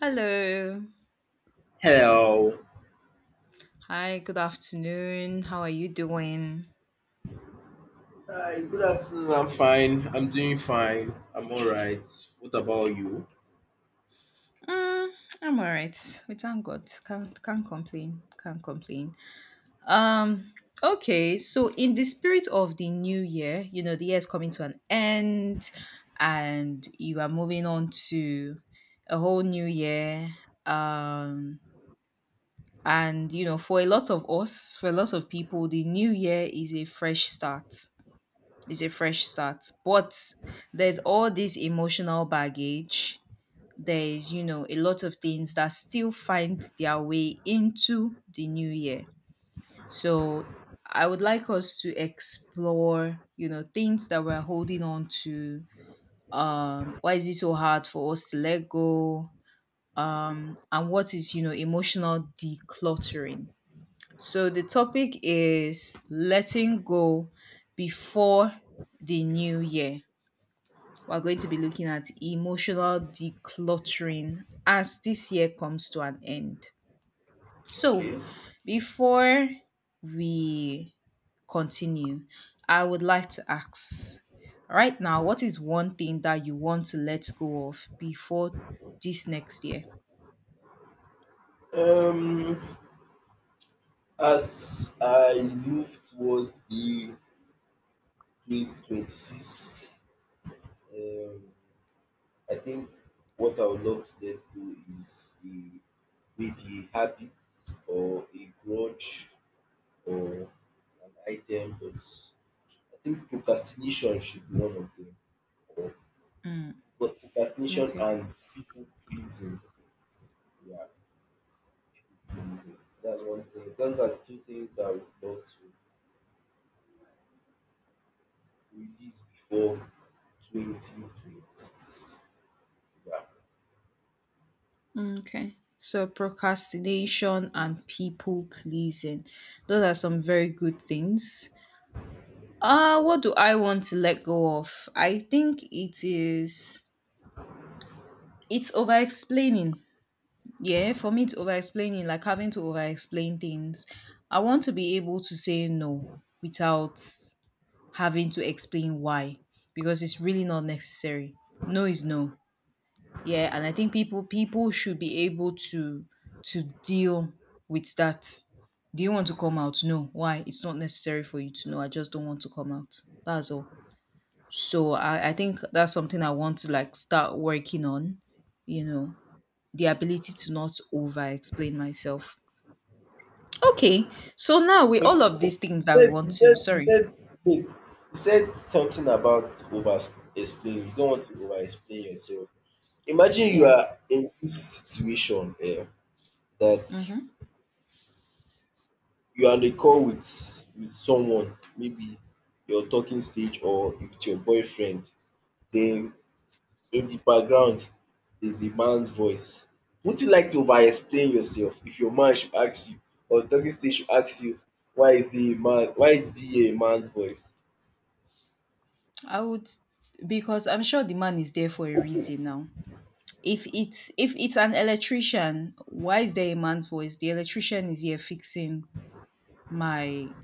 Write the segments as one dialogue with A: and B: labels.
A: Hello.
B: Hello.
A: Hi, good afternoon. How are you doing?
B: Hi, good afternoon. I'm fine. I'm doing fine. I'm all right. What about you?
A: Mm, I'm all right. We thank God. Can't complain. Can't complain. Um, okay, so in the spirit of the new year, you know, the year is coming to an end and you are moving on to a whole new year. Um and you know, for a lot of us, for a lot of people, the new year is a fresh start. It's a fresh start. But there's all this emotional baggage. There's, you know, a lot of things that still find their way into the new year. So I would like us to explore, you know, things that we're holding on to. Why is it so hard for us to let go? And what is, you know, emotional decluttering? So the topic is letting go before the new year. We're going to be looking at emotional decluttering as this year comes to an end. So,
B: Okay.
A: before we continue, I would like to ask right now, what is one thing that you want to let go of before this next year?
B: Um, as I move towards the 2026, um, I think what I would love to let go is a maybe a habit or a grudge or an item, but I think procrastination should be one of them. Or
A: Mm,
B: But procrastination
A: okay.
B: and people pleasing, yeah, people pleasing. That's one thing. Those are two things that I would love to release before 2026. Yeah.
A: Mm, okay. So procrastination and people pleasing. Those are some very good things. What do I want to let go of? I think it is it's over explaining. Yeah, for me it's over explaining, like having to over explain things. I want to be able to say no without having to explain why. Because it's really not necessary. No is no. Yeah, and I think people should be able to deal with that. Do you want to come out? No. Why? It's not necessary for you to know. I just don't want to come out. That's all. So I think that's something I want to like start working on, you know, the ability to not over explain myself. Okay. So now with
B: Okay.
A: all of these things
B: You
A: that we
B: said
A: want
B: you
A: to,
B: said you
A: sorry.
B: said wait. You said something about over explain. You don't want to over explain yourself. Imagine you
A: Yeah.
B: are in this situation that
A: Mm-hmm.
B: you are on a call with someone, maybe your talking stage or with your boyfriend, then in the background is a man's voice. Would you like to over explain yourself if your man should ask you or the talking stage should ask you why is he a man, why did you hear a man's voice?
A: I would because I'm sure the man is there for a reason now. If it's an electrician, why is there a man's voice? The electrician is here fixing my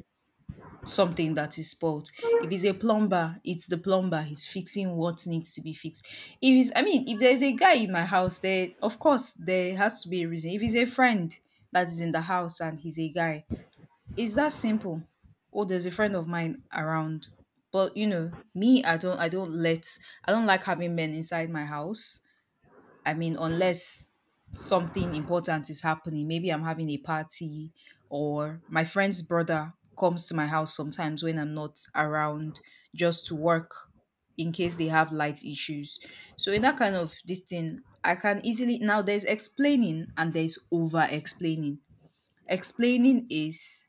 A: something that is spoilt. If it's a plumber, it's the plumber. He's fixing what needs to be fixed. If it's, I mean, if there's a guy in my house, there, of course, there has to be a reason. If it's a friend that is in the house and he's a guy, it's that simple. Oh, there's a friend of mine around, but you know, me, I don't let, I don't like having men inside my house. I mean, unless something important is happening, maybe I'm having a party or my friend's brother comes to my house sometimes when I'm not around just to work in case they have light issues. So in that kind of this thing, I can easily now there's explaining and there's over explaining. Explaining is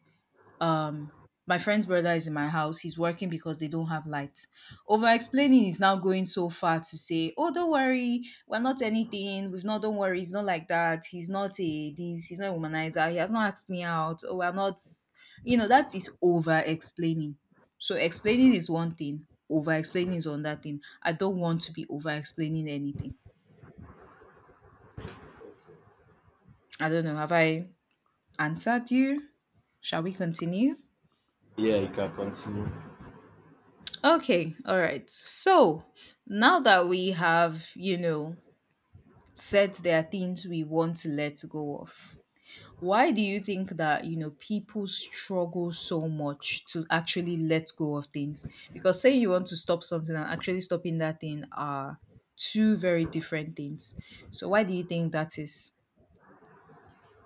A: um my friend's brother is in my house, he's working because they don't have lights. Over explaining is now going so far to say, oh, don't worry, we're not anything, we've not, don't worry, it's not like that, he's not a this, he's not a womanizer, he has not asked me out, oh, we're not, you know, that is over explaining. So explaining is one thing, over explaining is another thing. I don't want to be over explaining anything. I don't know, have I answered you? Shall we continue?
B: Yeah, you can continue.
A: Okay, all right. So now that we have, you know, said there are things we want to let go of, why do you think that, you know, people struggle so much to actually let go of things? Because saying you want to stop something and actually stopping that thing are two very different things. So why do you think that is?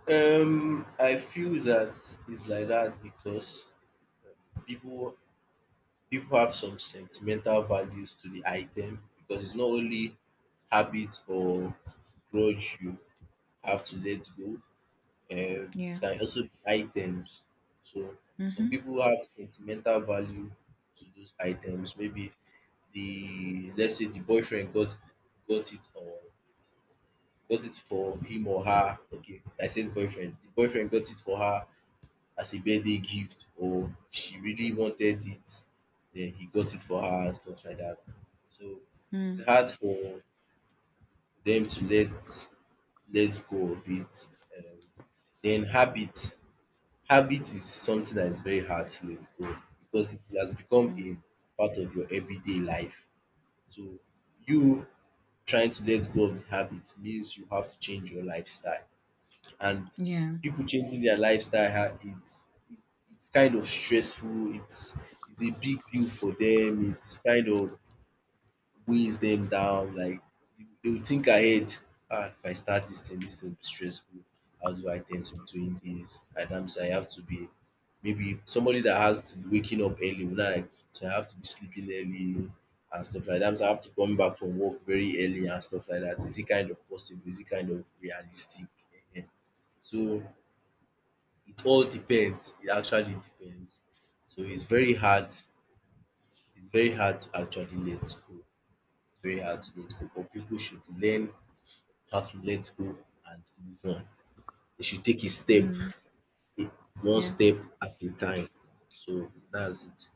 B: I feel that it's like that because people people have some sentimental values to the item because it's not only habit or grudge you have to let go, it
A: Yeah.
B: can also be items. So some
A: Mm-hmm.
B: people have sentimental value to those items. Maybe the let's say the boyfriend got it or got it for him or her. Okay, I said boyfriend. The boyfriend got it for her as a birthday gift or she really wanted it, then he got it for her and stuff like that. So
A: Mm-hmm.
B: it's hard for them to let go of it. Um, then habit is something that is very hard to let go because it has become a part of your everyday life. So you trying to let go of the habit means you have to change your lifestyle. And
A: Yeah.
B: people changing their lifestyle it's kind of stressful, it's a big deal for them, it's kind of weighs them down, like they will think ahead. Ah, if I start this thing will be stressful. How do I tend to doing this? And I'm so I have to be maybe somebody that has to be waking up early will not like so I have to be sleeping early and stuff like that. So I have to come back from work very early and stuff like that. Is it kind of possible? Is it kind of realistic? Ehen. So it all depends. It actually depends. So it's very hard. It's very hard to actually let go very hard to let go, but people should learn how to let go and move on. They should take
A: Mm.
B: a- one
A: Yeah.
B: step at a time. So that's it.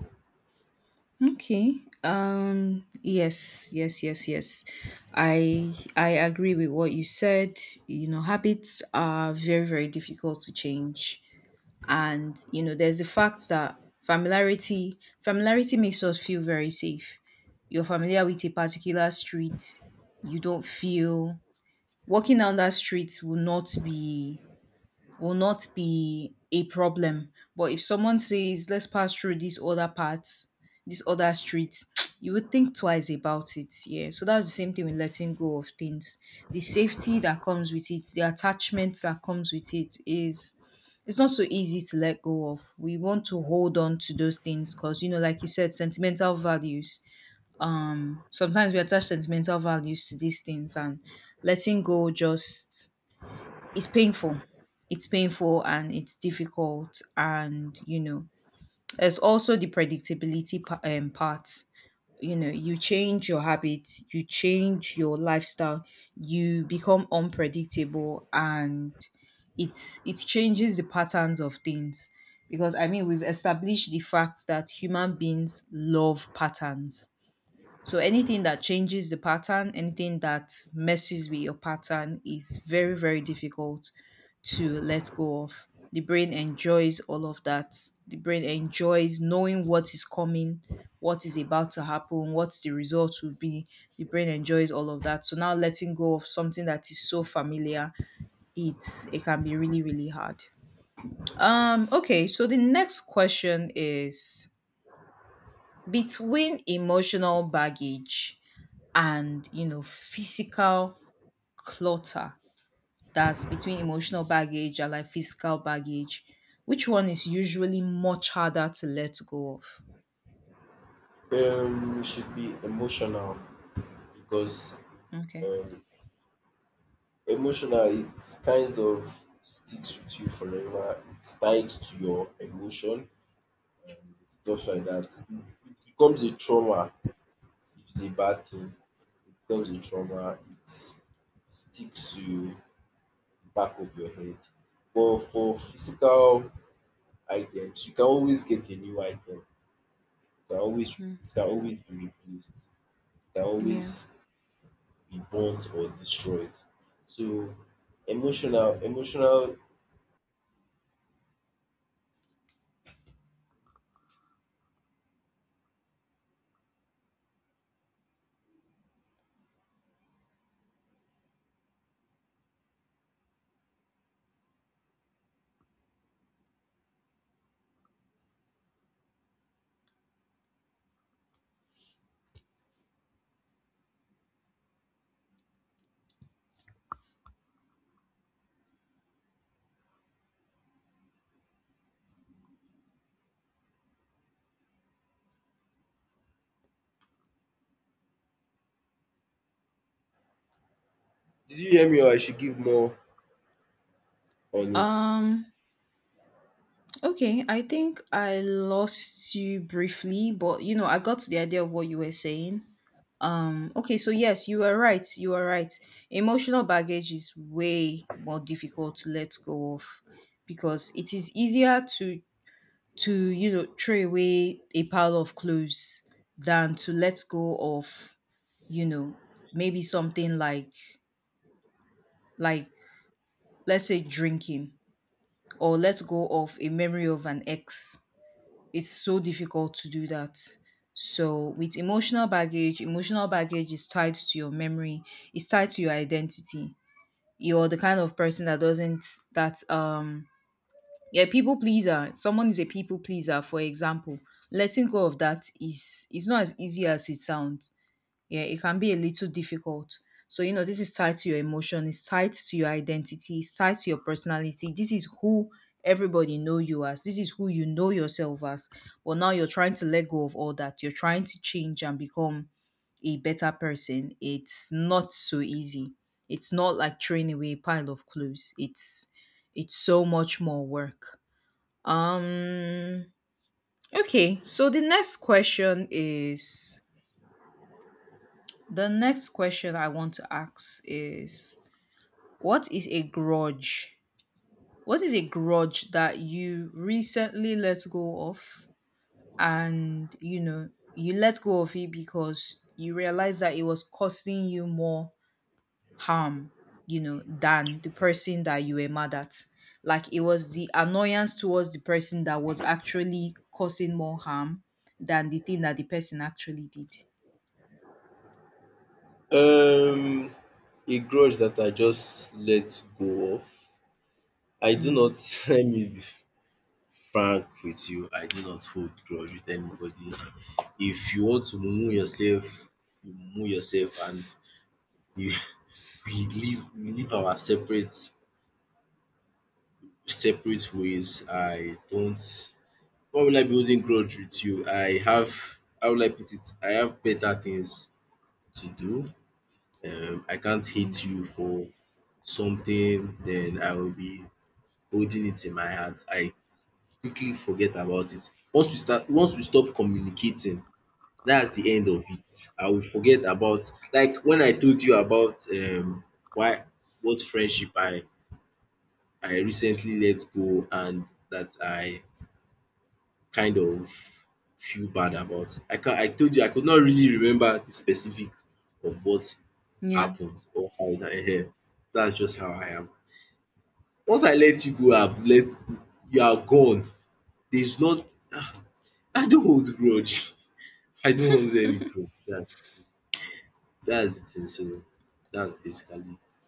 A: Okay. Yes, yes, yes, yes. I agree with what you said. You know, habits are very difficult to change. And you know, there's the fact that familiarity makes us feel very safe. You're familiar with a particular street, you don't feel walking down that street will not be a problem. But if someone says, let's pass through this other part, this other street, you would think twice about it. Yeah. So that's the same thing with letting go of things. The safety that comes with it, the attachment that comes with it is it's not so easy to let go of. We want to hold on to those things because you know, like you said, sentimental values. Sometimes we attach sentimental values to these things and letting go just it's painful. It's painful and it's difficult. And, you know, there's also the predictability part. You know, you change your habits, you change your lifestyle, you become unpredictable and it's it changes the patterns of things because I mean we've established the fact that human beings love patterns, so anything that changes the pattern, anything that messes with your pattern is very, very difficult to let go of. The brain enjoys all of that. The brain enjoys knowing what is coming, what is about to happen, what the result will be. The brain enjoys all of that. So now letting go of something that is so familiar, it's it can be really, really hard. Okay, so the next question is between emotional baggage and, you know, physical clutter, that's between emotional baggage and like physical baggage, which one is usually much harder to let go of?
B: We should be emotional because
A: Okay.
B: um emotional it kind of sticks with you forever. It's tied to your emotion and stuff like that. It's, it becomes a trauma if it's a bad thing. It becomes a trauma. It sticks to you back of your head. But for physical items, you can always get a new item. You can always
A: Mm.
B: it can always be replaced. It can
A: Yeah.
B: always be burnt or destroyed. So emotional, did you hear me or I should give more on it?
A: um Okay, I think I lost you briefly, but you know, I got the idea of what you were saying. Okay, so yes, you are right. You are right. Emotional baggage is way more difficult to let go of because it is easier to you know throw away a pile of clothes than to let go of, you know, maybe something like let's say drinking, or let go of a memory of an ex. It's so difficult to do that. So, with emotional baggage is tied to your memory, it's tied to your identity. You're the kind of person that doesn't, that, yeah, people pleaser. Someone is a people pleaser, for example. Letting go of that is, it's not as easy as it sounds. Yeah, it can be a little difficult. So, you know, this is tied to your emotion, it's tied to your identity, it's tied to your personality. This is who everybody know you as. This is who you know yourself as. But now you're trying to let go of all that. You're trying to change and become a better person. It's not so easy. It's not like throwing away a pile of clothes. It's so much more work. Um okay, so the next question is the next question I want to ask is what is a grudge? What is a grudge that you recently let go of, and you know you let go of it because you realize that it was costing you more harm, you know, than the person that you were mad at. Like it was the annoyance towards the person that was actually causing more harm than the thing that the person actually did.
B: Um, a grudge that I just let go of. I do
A: Mm,
B: not. Let me frank with you. I do not hold grudge with anybody. If you want to mumu yourself, you mumu yourself, and we we live our separate ways. I don't why will I be holding grudge with you? I have how will I put it? I have better things to do. I can't hate
A: okay.
B: you for something then I will be holding it in my heart. I quickly forget about it. Once we stop communicating, that's the end of it. I will forget about like when I told you about why what friendship I recently let go and that I kind of feel bad about. I told you I could not really remember the specifics of what
A: Yeah.
B: happened or how it that's just how I am. Once I let you go, I've let you are gone. There's not ah, I don't hold grudge. I don't hold any grudge. Yeah. That's the thing. So that's basically it.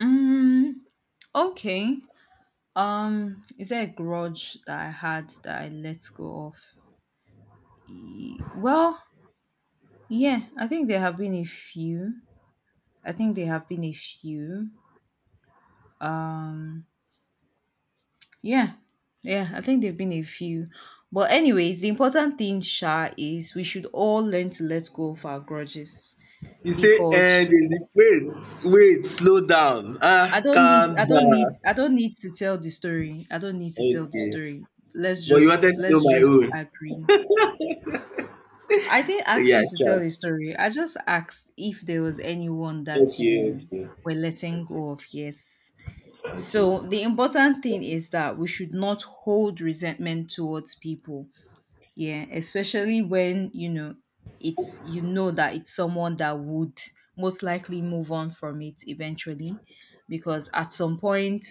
A: Mm, okay. Is there a grudge that I had that I let go of? Well, yeah, I think there have been a few. I think there have been a few. Yeah. Yeah, I think there've been a few. But anyways, the important thing, Sha, is we should all learn to let go of our grudges
B: You say, eh,
A: because
B: they say, wait, wait, slow down. Ah, calm down.
A: I don't need to tell the story. I don't need to tell the story.
B: But you wanted to know
A: Let's
B: my
A: just
B: own.
A: agree. I didn't ask
B: Yeah,
A: you to tell
B: sure.
A: a story. I just asked if there was anyone that
B: Okay.
A: you were letting
B: Okay.
A: go of. Yes.
B: Okay.
A: So the important thing is that we should not hold resentment towards people. Yeah, especially when you know it's you know that it's someone that would most likely move on from it eventually because at some point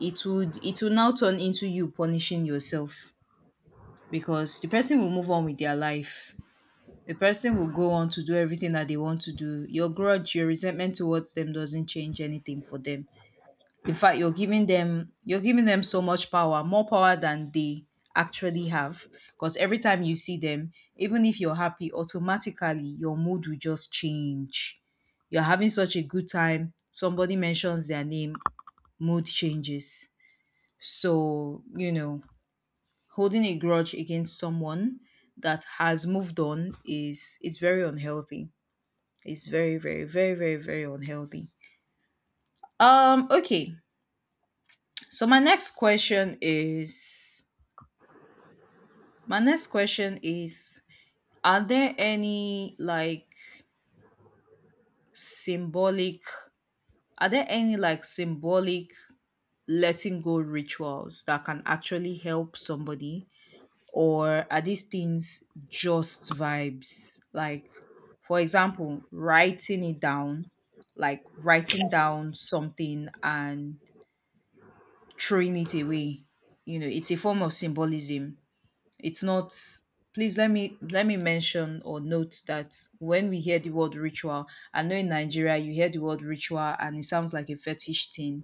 A: it would it will now turn into you punishing yourself because the person will move on with their life, the person will go on to do everything that they want to do. Your grudge, your resentment towards them doesn't change anything for them. In fact, you're giving them so much power, more power than they actually have. Because every time you see them, even if you're happy, automatically your mood will just change. You're having such a good time. Somebody mentions their name, mood changes. So, you know, holding a grudge against someone that has moved on is very unhealthy. It's very, very, very, very, very unhealthy. Okay. So my next question is, are there any like symbolic are there any like symbolic letting go rituals that can actually help somebody, or are these things just vibes? Like, for example, writing it down, like writing down something and throwing it away. You know, it's a form of symbolism. It's not. Please let me mention or note that when we hear the word ritual, I know in Nigeria you hear the word ritual and it sounds like a fetish thing.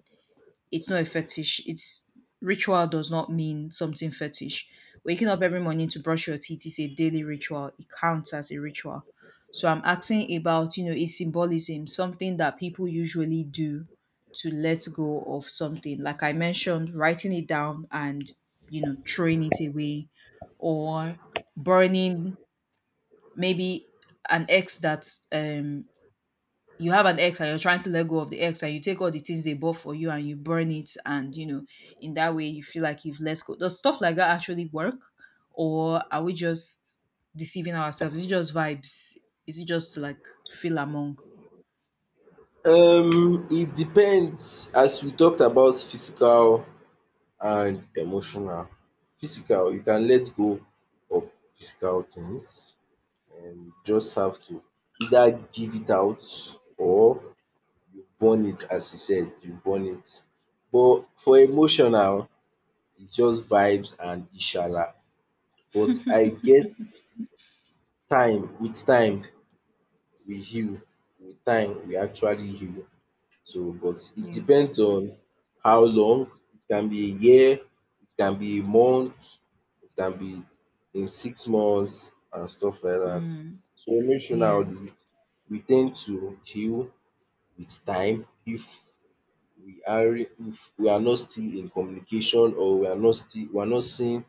A: It's not a fetish. It's ritual does not mean something fetish. Waking up every morning to brush your teeth is a daily ritual. It counts as a ritual. So I'm asking about, you know, a symbolism, something that people usually do to let go of something. Like I mentioned, writing it down and, you know, throwing it away, or burning, maybe, an ex that um you have an ex and you're trying to let go of the ex, and you take all the things they bought for you and you burn it, and, you know, in that way you feel like you've let go. Does stuff like that actually work, or are we just deceiving ourselves? Is it just vibes? Is it just to, like, feel among?
B: It depends. As we talked about physical and emotional. Physical, you can let go of physical things, and just have to either give it out or you burn it as you said, you burn it. But for emotional, it's just vibes and Inshallah. But I get time, with time we heal, with time we actually heal. So but it
A: Yeah.
B: depends on how long, it can be a year, it can be a month, it can be in 6 months and stuff like that.
A: Mm.
B: So
A: Yeah.
B: emotionally, we tend to heal with time if if we are not still in communication or we are not seeing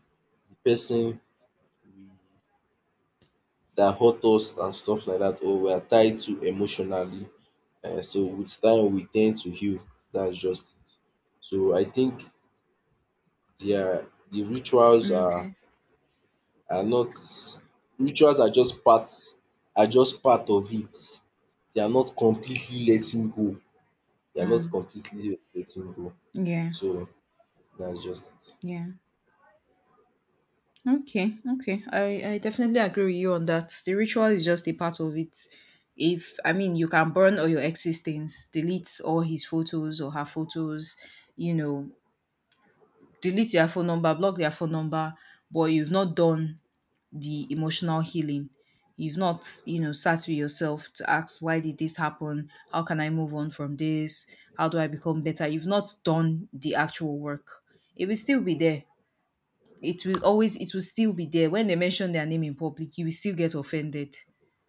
B: the person we that hurt us and stuff like that or we are tied to emotionally. So with time we tend to heal, that's just it. So I think the rituals
A: Mm, okay.
B: are not rituals are just part of it. They are not completely letting go. They are not
A: Mm.
B: completely letting go.
A: Yeah.
B: So that's just
A: Yeah. Okay, okay. I definitely agree with you on that. The ritual is just a part of it. If I mean, you can burn all your ex's things, delete all his photos or her photos, you know, delete their phone number, block their phone number, but you've not done the emotional healing. You've not, you know, sat with yourself to ask, why did this happen? How can I move on from this? How do I become better? You've not done the actual work. It will still be there. It will still be there when they mention their name in public, you will still get offended.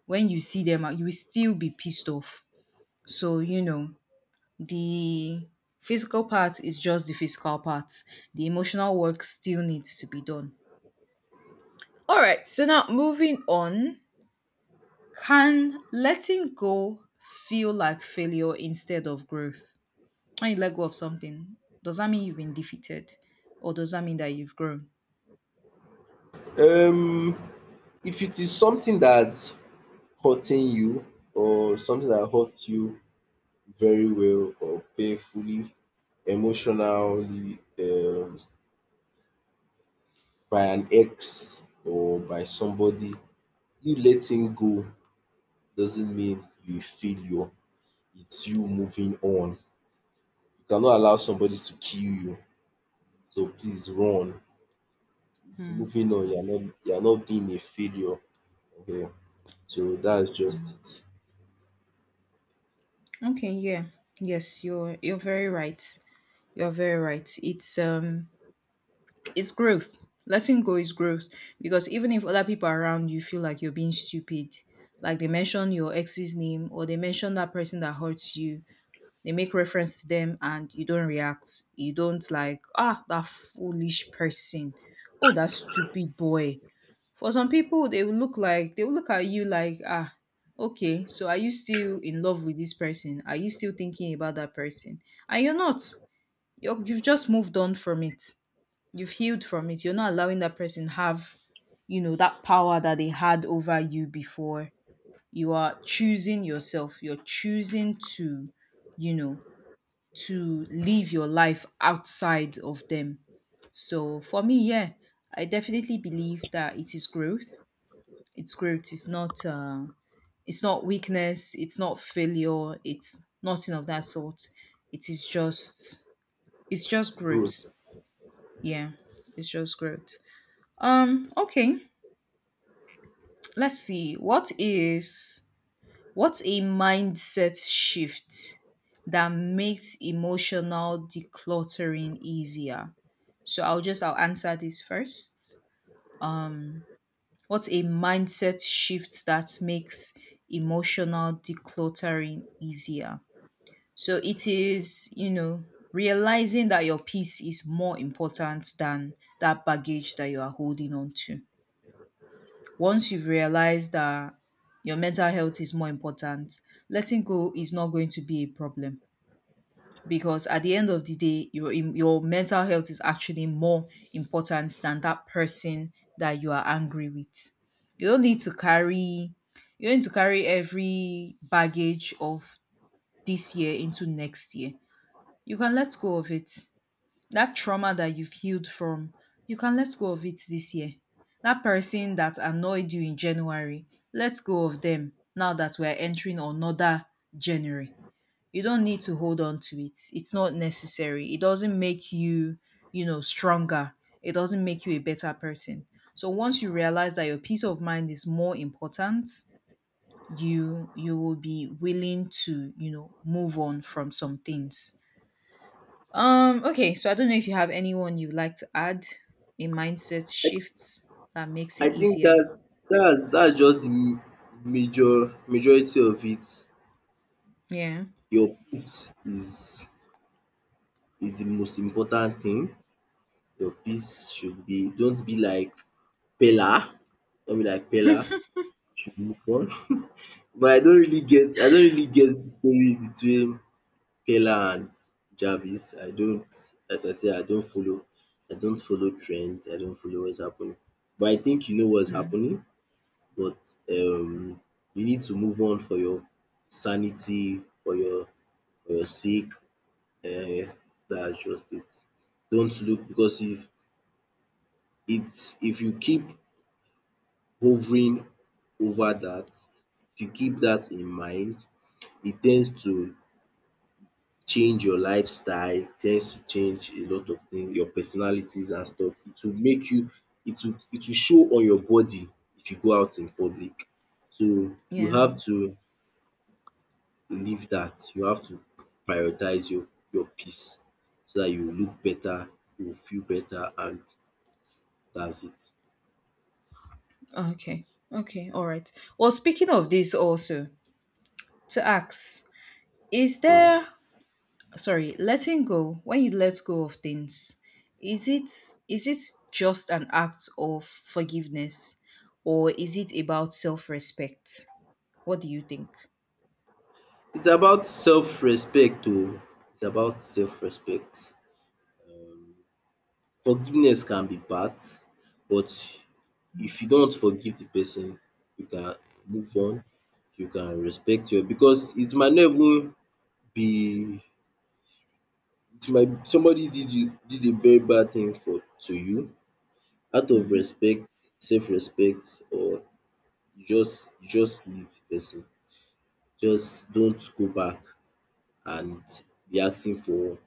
A: When you see them, you will still be pissed off. So, you know, the physical part is just the physical part, the emotional work still needs to be done. All right, so now, moving on, can letting go feel like failure instead of growth? When you let go of something, does that mean you've been defeated, or does that mean that you've grown?
B: it. If it is something that's hurting you or something that hurt you very well or painfully emotionally by an ex or by somebody, you letting go doesn't mean you a failure, it's you moving on. You cannot allow somebody to kill you, so please run. It's moving on, you're not being a failure. Okay. So that's just
A: Okay, yeah. Yes, you're very right. You're very right. It's growth. Letting go is growth, because even if other people around you feel like you're being stupid, like they mention your ex's name, or they mention that person that hurts you, they make reference to them and you don't react. You don't, like, ah, that foolish person. Oh, that stupid boy. For some people, they will look at you like, ah, okay, so are you still in love with this person? Are you still thinking about that person? And you're not. You've just moved on from it. You've healed from it. You're not allowing that person have, you know, that power that they had over you before. You are choosing yourself. You're choosing to, you know, to live your life outside of them. So for me, yeah, I definitely believe that it is growth. It's growth. It's not weakness. It's not failure. It's nothing of that sort. it is just it's just
B: it growth.
A: growth. Yeah. It's just growth. Okay, let's see, what's a mindset shift that makes emotional decluttering easier. So I'll answer this first. um what's a mindset shift that makes emotional decluttering easier? So it is, you know, realizing that your peace is more important than that baggage that you are holding on to. Once you've realized that your mental health is more important, letting go is not going to be a problem, because at the end of the day, your mental health is actually more important than that person that you are angry with. You don't need to carry you don't need to carry every baggage of this year into next year. You can let go of it. That trauma that you've healed from, you can let go of it this year. That person that annoyed you in January, let go of them now that we're entering another January. You don't need to hold on to it. It's not necessary. It doesn't make you, you know, stronger. It doesn't make you a better person. So once you realize that your peace of mind is more important, you will be willing to, you know, move on from some things. Okay, so I don't know if you have anyone you'd like to add a mindset shift that makes it
B: I think
A: easier.
B: that's just the major majority of it.
A: Yeah.
B: Your peace is the most important thing. Your peace should be don't be like Pella. Don't be like Pella. Should move on. But I don't really get the story between Pella and Jarvis. I don't as I say I don't follow trend. I don't follow what's happening. But I think you know what's
A: Hmm.
B: happening. But You need to move on for your sanity, for your sake. um That's just it. Don't look because if you keep hovering over that, if you keep that in mind, it tends to change your lifestyle, it tends to change a lot of things, your personalities and stuff. It will make you it will show on your body if you go out in public. So you
A: Yeah.
B: have to leave dat. You have to prioritize your peace so dat you look better, you feel better and dats it.
A: Okay. Okay. All right. Well, speaking of this also, to ask, is there, sorry, letting go, when you let go of things, is it is it just an act of forgiveness, or is it about self-respect? What do you think?
B: It's about self-respect oh. It's about self-respect. um Forgiveness can be bad, but if you don want forgive de person, you can move on, you can respect your because it might not even be it might somebody did you did a very bad thing for to you out of
A: Mm-hmm.
B: respect, self respect, or you just leave the person. Just don't go back and be asking for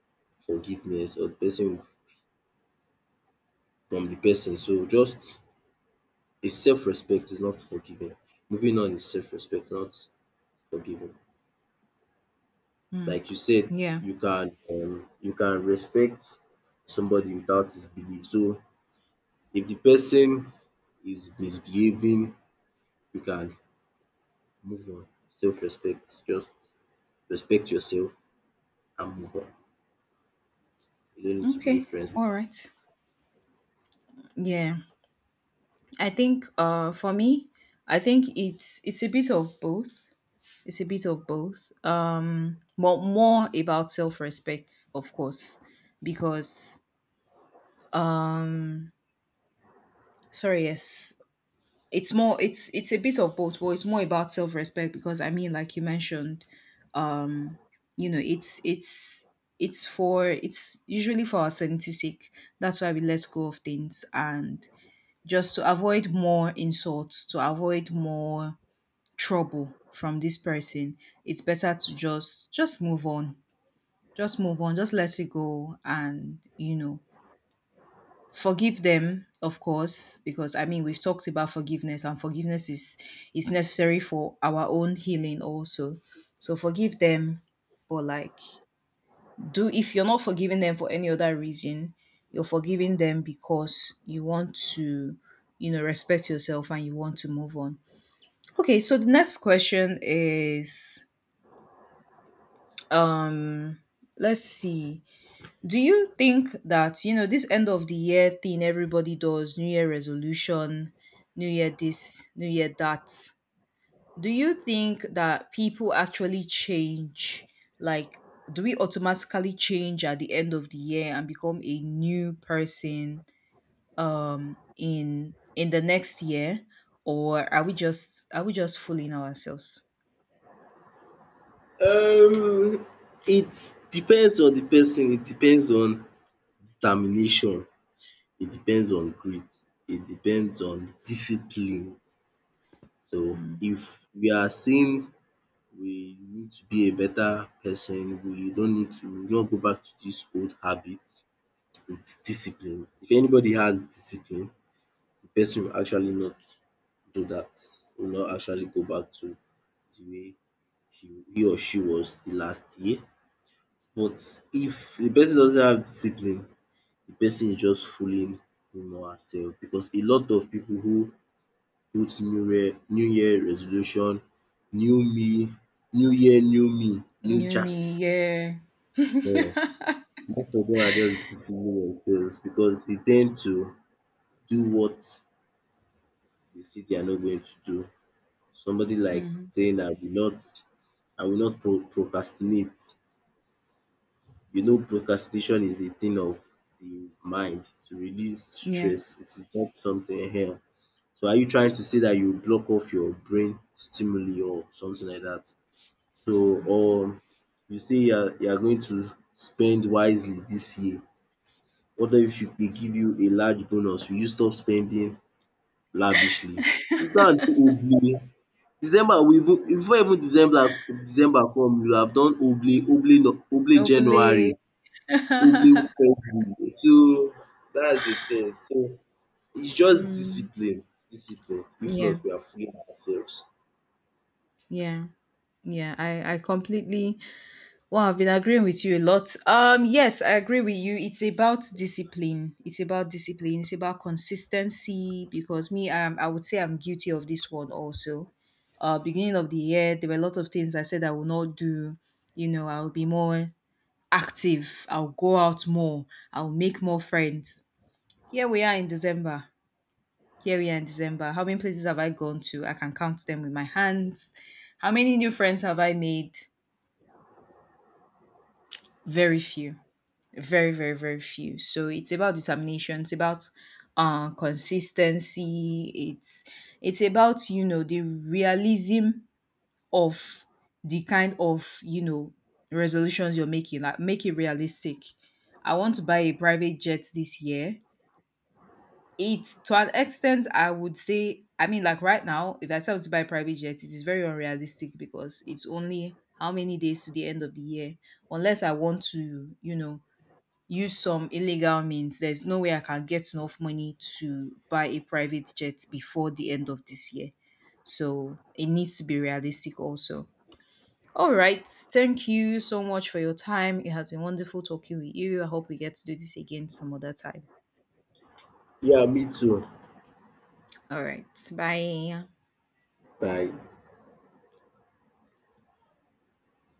B: forgiveness or the person from the person. So just a self respect is not forgiving. Moving on is self respect, not forgiving.
A: Mm.
B: Like you said,
A: Yeah.
B: you can respect somebody without his belief. So if the person is misbehaving, you can move on. Self respect just respect yourself and move on. You don't need to be
A: Okay.
B: friends with
A: All right. Yeah. I think for me, I think it's a bit of both. It's a bit of both. More about self-respect, of course, because, um sorry, yes. It's more it's a bit of both, but it's more about self-respect because, I mean, like you mentioned, um you know, it's usually for our sanity's sake. That's why we let go of things, and just to avoid more insults, to avoid more trouble from this person, it's better to just move on. Just move on. Just let it go, and, you know, forgive them, of course, because I mean we've talked about forgiveness, and forgiveness is necessary for our own healing also. So forgive them, but, like, do if you're not forgiving them for any other reason, you're forgiving them because you want to, you know, respect yourself and you want to move on. Okay, so the next question is, um let's see, do you think that, you know, this end of the year thing, everybody does new year resolution, new year this, new year that, do you think that people actually change, like, do we automatically change at the end of the year and become a new person in the next year, or are we just fooling ourselves?
B: Um it depends on the person, it depends on determination, it depends on grit, it depends on discipline. So if we are saying we need to be a better person, we don't need to not go back to this old habit, it's discipline. If anybody has discipline, the person will actually not do that, will not actually go back to the way he he or she was the last year. But if the person doesn't have discipline, the person is just fooling him or herself because a lot of people who put new year resolution, new me, new year new me, new
A: New me.
B: chance
A: Yeah.
B: um most of dem are just deceiving themselves because they tend to do what they say they are not going to do. Somebody like
A: Hmm.
B: saying not I will not procrastinate. You know, procrastination is a thing of the mind to release
A: Yeah.
B: stress. It is not something here. So are you trying to say that you block off your brain stimuli or something like that? So or you say you are going to spend wisely this year. What if you dey give you a large bonus, will you stop spending lavishly? You can't do oble. December we even before even December come, you have done oble oble no- oble January.
A: Hopefully.
B: Public spending. So that's the thing. So it's just
A: Mm.
B: discipline. If not,
A: Yeah,
B: we are fooling ourselves.
A: yeah, yeah. I completely. Well, I've been agreeing with you a lot. Yes, I agree with you. It's about discipline. It's about discipline. It's about consistency. Because me, I would say I'm guilty of this one also. Beginning of the year, there were a lot of things I said I will not do. You know, I'll be more active. I'll go out more. I'll make more friends. Here we are in December. Here we are in December. How many places have I gone to? I can count them with my hands. How many new friends have I made? Very few. Very, very, very few. So it's about determination. It's about consistency. It's about, you know, the realism of the kind of, you know, resolutions you're making. Like, make it realistic. I want to buy a private jet this year. It's, to an extent, I would say, I mean, like, right now, if I start to buy a private jet, it is very unrealistic because it's only how many days to the end of the year. Unless I want to, you know, use some illegal means, there's no way I can get enough money to buy a private jet before the end of this year. So it needs to be realistic also. All right. Thank you so much for your time. It has been wonderful talking with you. I hope we get to do this again some other time.
B: Yeah, me too.
A: All right. Bye.
B: Bye.